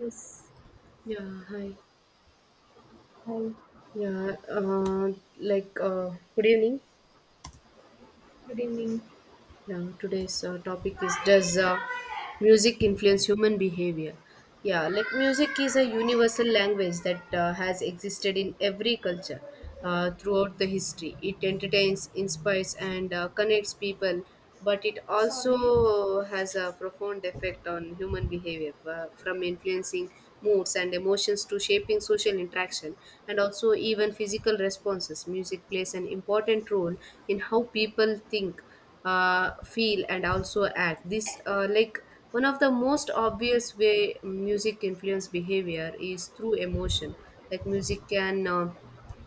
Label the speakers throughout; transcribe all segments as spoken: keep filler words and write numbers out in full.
Speaker 1: Yes.
Speaker 2: Yeah, hi.
Speaker 1: Hi.
Speaker 2: Yeah, uh, like, uh, Good evening.
Speaker 1: Good evening.
Speaker 2: Yeah, today's uh, topic is, does uh, music influence human behavior? Yeah, like music is a universal language that uh, has existed in every culture uh, throughout the history. It entertains, inspires, and uh, connects people, but it also has a profound effect on human behavior, uh, from influencing moods and emotions to shaping social interaction and also even physical responses. Music plays an important role in how people think, uh, feel, and also act. This uh, like one of the most obvious way music influence behavior is through emotion. Like, music can uh,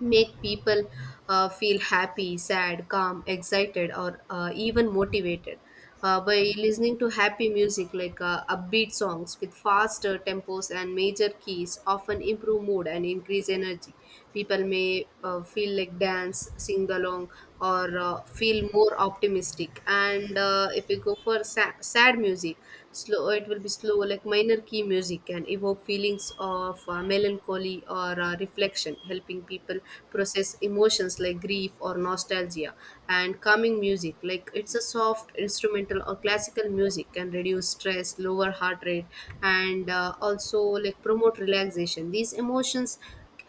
Speaker 2: make people uh, feel happy, sad, calm, excited, or uh, even motivated. Uh, by listening to happy music, like uh, upbeat songs with faster tempos and major keys, often improve mood and increase energy. People may uh, feel like dance, sing along, or uh, feel more optimistic. And uh, if we go for sa- sad music, slow it will be slow like minor key music, can evoke feelings of uh, melancholy or uh, reflection, helping people process emotions like grief or nostalgia. And calming music, like it's a soft instrumental or classical music, can reduce stress, lower heart rate, and uh, also like promote relaxation. these emotions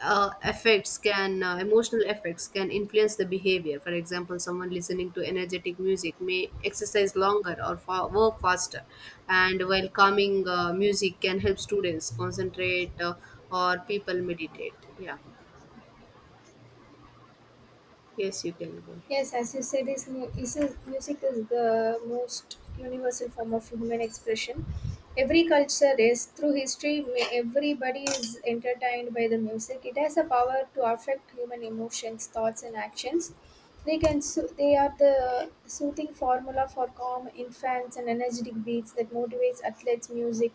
Speaker 2: uh, effects can uh, emotional effects can influence the behavior. For example, someone listening to energetic music may exercise longer or fa- work faster, and while calming uh, music can help students concentrate, uh, or people meditate. Yeah, yes, you can go ahead.
Speaker 1: Yes, as you said, is mu- is is- music is the most universal form of human expression. Every culture is through history. may- Everybody is entertained by the music. It has a power to affect human emotions, thoughts, and actions. They can so- they are the soothing formula for calm infants and energetic beats that motivates athletes. Music,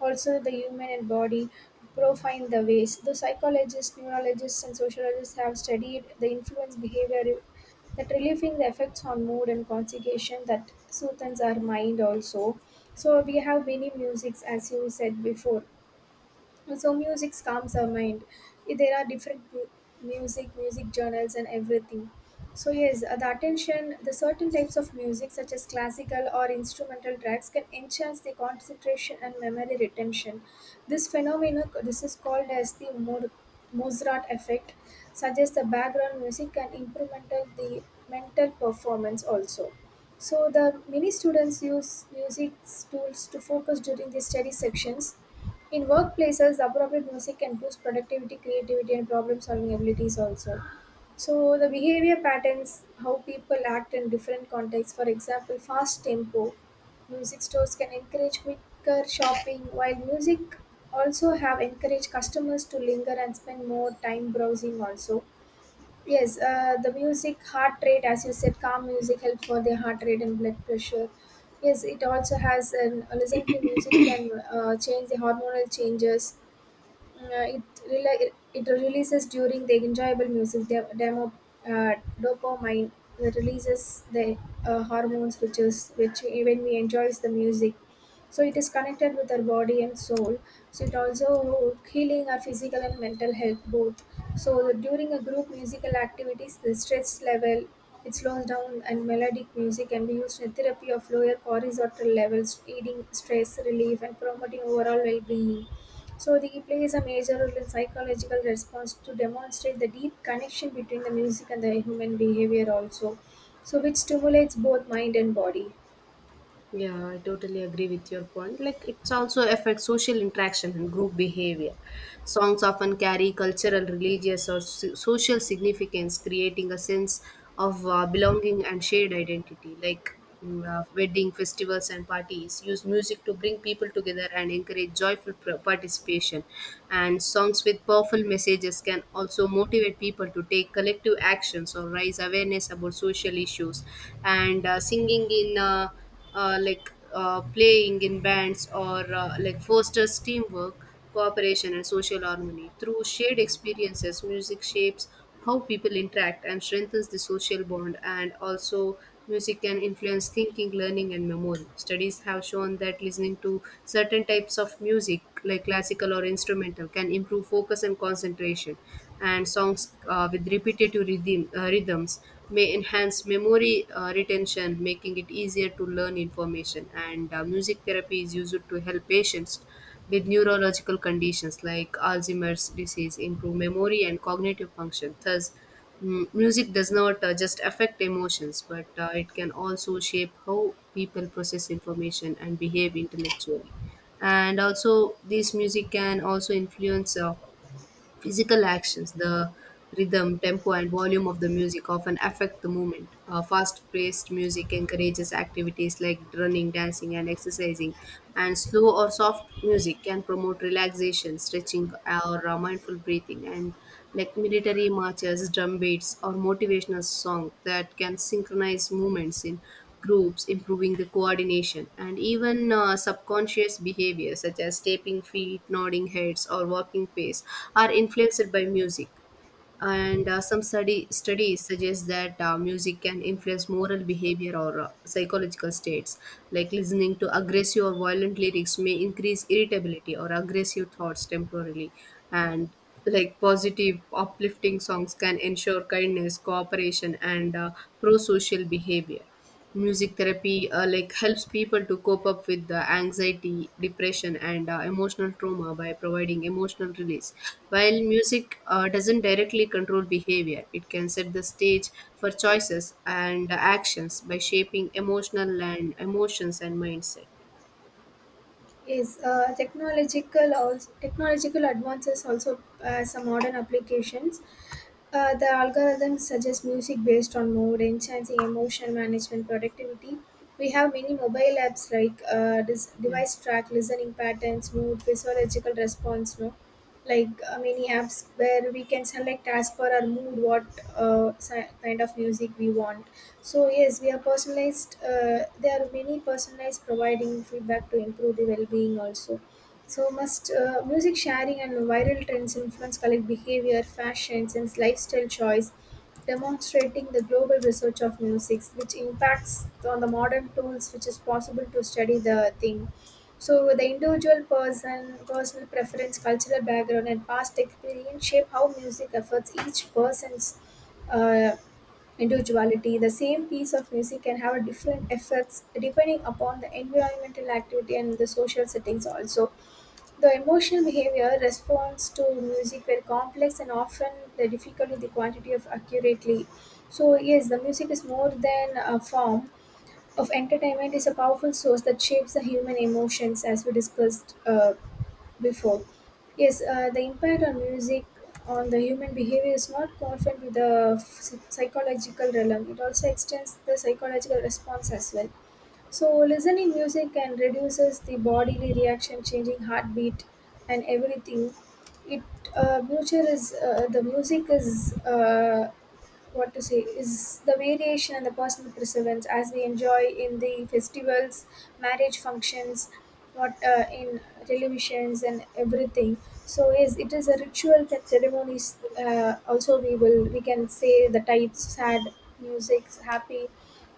Speaker 1: also the human and body profile the ways. The psychologists, neurologists, and sociologists have studied the influence behavior that relieving the effects on mood and concentration that soothes our mind also, so we have many musics as you said before, so music calms our mind. Eh, there are different mu- music music journals and everything. So yes, uh, the attention, the certain types of music such as classical or instrumental tracks can enhance the concentration and memory retention. This phenomenon this is called as the Mor- mozart effect, suggests the background music can improvement the mental performance also. So the many students use music tools to focus during the study sections. In workplaces, the appropriate music can boost productivity, creativity, and problem solving abilities also. So, the behavior patterns, how people act in different contexts, for example, fast tempo, music stores can encourage quicker shopping, while music also have encouraged customers to linger and spend more time browsing also. Yes, uh, the music heart rate, as you said, calm music helps for the heart rate and blood pressure. Yes, it also has an uh, listen to music can uh, change the hormonal changes. Mm, Uh, it, rela- it releases during the enjoyable music de- demo uh, dopamine, that releases the uh, hormones which is which when we enjoys the music, so it is connected with our body and soul, so it also healing our physical and mental health both. So the, during a group musical activities the stress level it slows down, and melodic music can be used in therapy of lower horizontal levels, aiding stress relief and promoting overall well-being. So the plays a major role in psychological response to demonstrate the deep connection between the music and the human behavior also, so which stimulates both mind and body.
Speaker 2: Yeah, I totally agree with your point. Like, it's also affects social interaction and group behavior. Songs often carry cultural, religious, or so- social significance, creating a sense of uh, belonging and shared identity. Like, mm, uh, wedding festivals and parties use music to bring people together and encourage joyful pr- participation. And songs with powerful messages can also motivate people to take collective actions or raise awareness about social issues. And uh, singing in uh, uh, like uh, playing in bands, or uh, like fosters teamwork, cooperation, and social harmony. Through shared experiences, music shapes how people interact and strengthens the social bond. And also, music can influence thinking, learning, and memory. Studies have shown that listening to certain types of music, like classical or instrumental, can improve focus and concentration. And songs uh, with repetitive rhythm, uh, rhythms may enhance memory uh, retention, making it easier to learn information. And uh, music therapy is used to help patients with neurological conditions like Alzheimer's disease improve memory and cognitive function. Thus, mm, music does not uh, just affect emotions, but uh, it can also shape how people process information and behave intellectually. And also, this music can also influence Uh, physical actions. The rhythm, tempo, and volume of the music often affect the movement. Uh, Fast paced music encourages activities like running, dancing, and exercising, and slow or soft music can promote relaxation, stretching, or uh, mindful breathing. And like military marches, drum beats, or motivational song that can synchronize movements in groups, improving the coordination. And even uh, subconscious behavior such as tapping feet, nodding heads, or walking pace are influenced by music. And uh, some study, studies suggest that uh, music can influence moral behavior or uh, psychological states. Like, listening to aggressive or violent lyrics may increase irritability or aggressive thoughts temporarily. And Like positive, uplifting songs can ensure kindness, cooperation, and uh, pro social behavior. Music therapy uh, like helps people to cope up with the anxiety, depression, and uh, emotional trauma by providing emotional release. While music uh, doesn't directly control behavior, it can set the stage for choices and actions by shaping emotional and emotions and mindset.
Speaker 1: Yes, uh, technological also, technological advances also uh, some modern applications. Uh, the algorithms suggest music based on mood, enhancing emotion management, productivity. We have many mobile apps like uh, this
Speaker 2: Yeah.
Speaker 1: device track, listening patterns, mood, physiological response. No, like uh, many apps where we can select as per our mood what uh, si- kind of music we want. So yes, we are personalized. Uh, there are many personalized providing feedback to improve the well-being also. So must uh, music sharing and viral trends influence collect behavior, fashions, and lifestyle choice, demonstrating the global research of music, which impacts on the modern tools, which is possible to study the thing. So the individual person, personal preference, cultural background, and past experience shape how music affects each person's uh, individuality, the same piece of music can have a different effects depending upon the environmental activity and the social settings also. The emotional behavior response to music were complex and often the difficulty the quantity of accurately. So yes, the music is more than a form of entertainment, is a powerful source that shapes the human emotions as we discussed uh, before. Yes, uh, the impact on music on the human behavior is not confined to the psy- psychological realm. It also extends the psychological response as well. So, listening music can reduces the bodily reaction, changing heartbeat and everything. It uh, nature is uh, the music is uh, what to say, is the variation and the personal perseverance as we enjoy in the festivals, marriage functions, what uh, in televisions and everything. So yes, it is a ritual that ceremonies, uh, also we will we can say the types sad music, happy,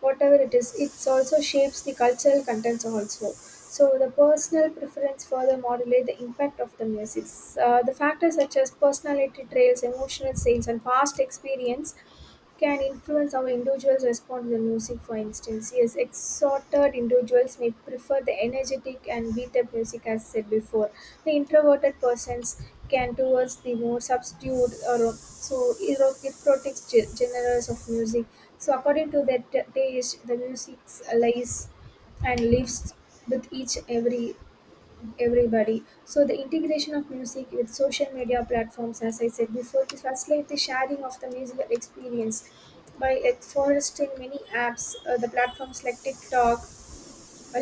Speaker 1: whatever it is, it also shapes the cultural contents also, so the personal preference further modulate the impact of the music. Uh, the factors such as personality traits, emotional states, and past experience can influence how individuals respond to the music, for instance. Yes, extroverted individuals may prefer the energetic and beat up music, as said before. The introverted persons can towards the more subdued or so erotic ge- genres of music. So, according to their t- taste, the music lies and lives with each every everybody. So the integration of music with social media platforms, as I said before, to facilitate the sharing of the musical experience by uh, foresting many apps, uh, the platforms like TikTok, while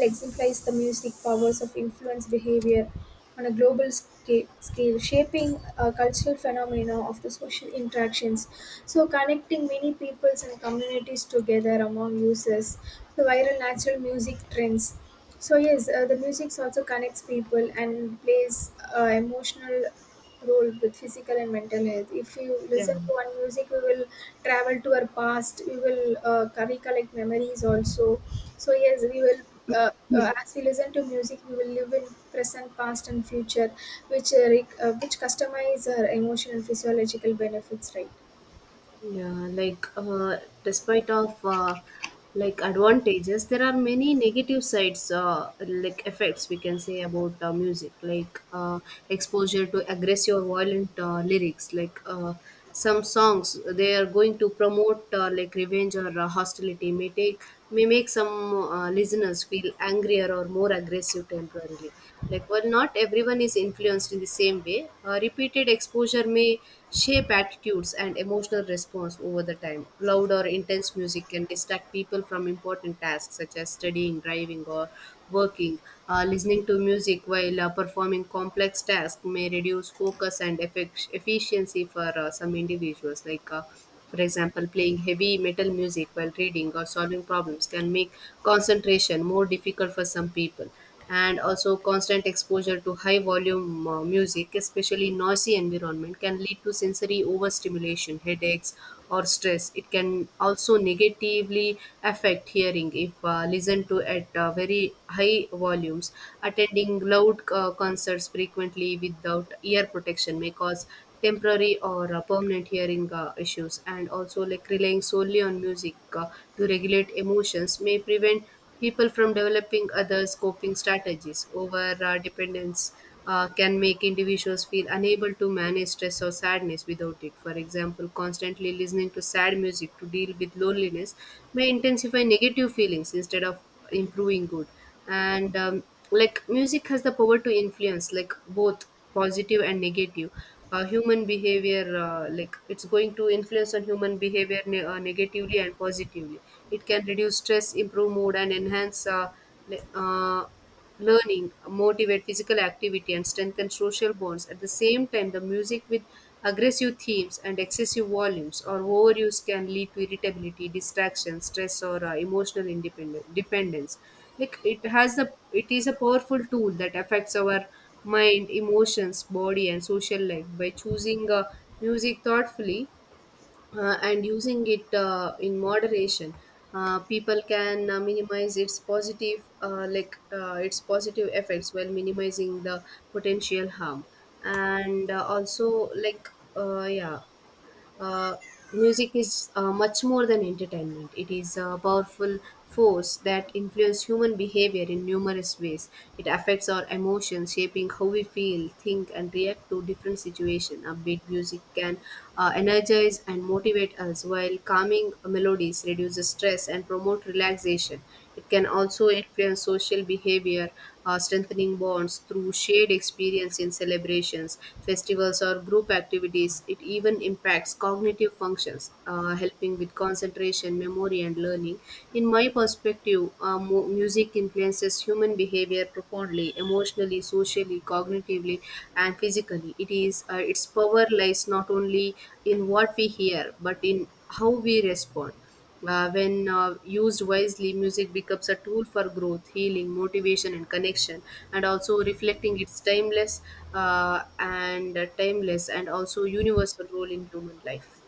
Speaker 1: exemplifies the music powers of influence behavior on a global sca- scale, shaping a cultural phenomena of the social interactions. So, connecting many peoples and communities together among users, the viral natural music trends. So yes, uh, the music also connects people and plays uh, emotional role with physical and mental health. If you
Speaker 2: Yeah.
Speaker 1: listen to one music, we will travel to our past, we will uh, recollect memories also. So yes, we will uh, uh, as we listen to music we will live in present, past and future, which uh, rec- uh, which customize our emotional physiological benefits, right?
Speaker 2: Yeah, like uh, despite of uh, like advantages, there are many negative sides, uh, like effects we can say about uh, music, like uh, exposure to aggressive or violent uh, lyrics. Like uh, some songs, they are going to promote uh, like revenge or uh, hostility. May take may make some uh, listeners feel angrier or more aggressive temporarily. Like, while not everyone is influenced in the same way, uh, repeated exposure may shape attitudes and emotional response over the time. Loud or intense music can distract people from important tasks such as studying, driving, or working. uh, listening to music while uh, performing complex tasks may reduce focus and effect- efficiency for uh, some individuals. like uh, for example, playing heavy metal music while reading or solving problems can make concentration more difficult for some people. And also, constant exposure to high volume uh, music, especially noisy environment, can lead to sensory overstimulation, headaches, or stress. It can also negatively affect hearing if uh, listened to at uh, very high volumes. Attending loud uh, concerts frequently without ear protection may cause temporary or uh, permanent hearing uh, issues. And also, like, relying solely on music uh, to regulate emotions may prevent people from developing others' coping strategies. Over uh, dependence uh, can make individuals feel unable to manage stress or sadness without it. For example, constantly listening to sad music to deal with loneliness may intensify negative feelings instead of improving good. And um, like, music has the power to influence like both positive and negative uh, human behavior. uh, like, it's going to influence on human behavior ne- uh, negatively and positively. It can reduce stress, improve mood, and enhance uh, le- uh, learning, motivate physical activity, and strengthen social bonds. At the same time, the music with aggressive themes and excessive volumes or overuse can lead to irritability, distraction, stress, or uh, emotional independence dependence. Like it has a, it is a powerful tool that affects our mind, emotions, body, and social life. By choosing uh, music thoughtfully, uh, and using it uh, in moderation, uh, people can uh, minimize its positive, uh, like uh, its positive effects while minimizing the potential harm. And uh, also like uh, yeah uh, Music is uh, much more than entertainment. It is a powerful force that influences human behavior in numerous ways. It affects our emotions, shaping how we feel, think, and react to different situations. Upbeat music can uh, energize and motivate us, while calming melodies reduces stress and promote relaxation. It can also influence social behavior, uh, strengthening bonds through shared experience in celebrations, festivals, or group activities. It even impacts cognitive functions, uh, helping with concentration, memory, and learning. In my perspective, uh, mu- music influences human behavior profoundly, emotionally, socially, cognitively, and physically. It is uh, its power lies not only in what we hear, but in how we respond. Uh, when uh, used wisely, music becomes a tool for growth, healing, motivation, and connection, and also reflecting its timeless uh, and uh, timeless and also universal role in human life.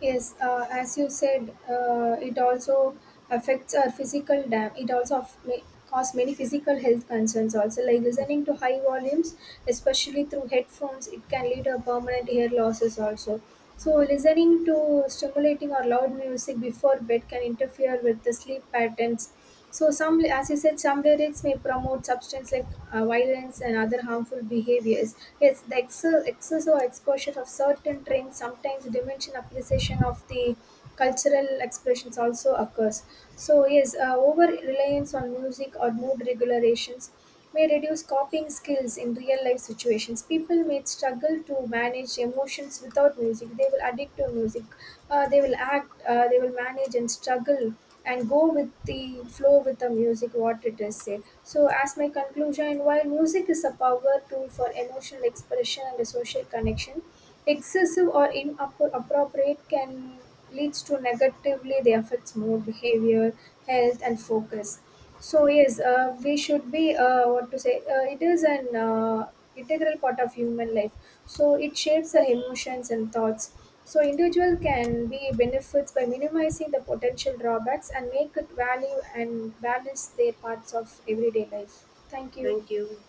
Speaker 1: Yes, uh, as you said, uh, it also affects our physical dam. It also aff- may cause many physical health concerns also, like listening to high volumes, especially through headphones, it can lead to permanent ear losses also. So, listening to stimulating or loud music before bed can interfere with the sleep patterns, so some, as you said, some lyrics may promote substance like uh, violence and other harmful behaviors. Yes, the excess, excess or exposure of certain trends sometimes diminish appreciation of the cultural expressions also occurs. So yes, uh, over reliance on music or mood regulations may reduce copying skills in real life situations. People may struggle to manage emotions without music. They will addict to music. Uh, they will act, uh, they will manage and struggle and go with the flow with the music what it is say. So as my conclusion, while music is a power tool for emotional expression and a social connection, excessive or inappropriate can leads to negatively, they affects mood, behavior, health and focus. So yes, uh, we should be uh, what to say. Uh, it is an uh, integral part of human life. So it shapes our emotions and thoughts. So individual can be benefits by minimizing the potential drawbacks and make it value and balance their parts of everyday life. Thank you.
Speaker 2: Thank you.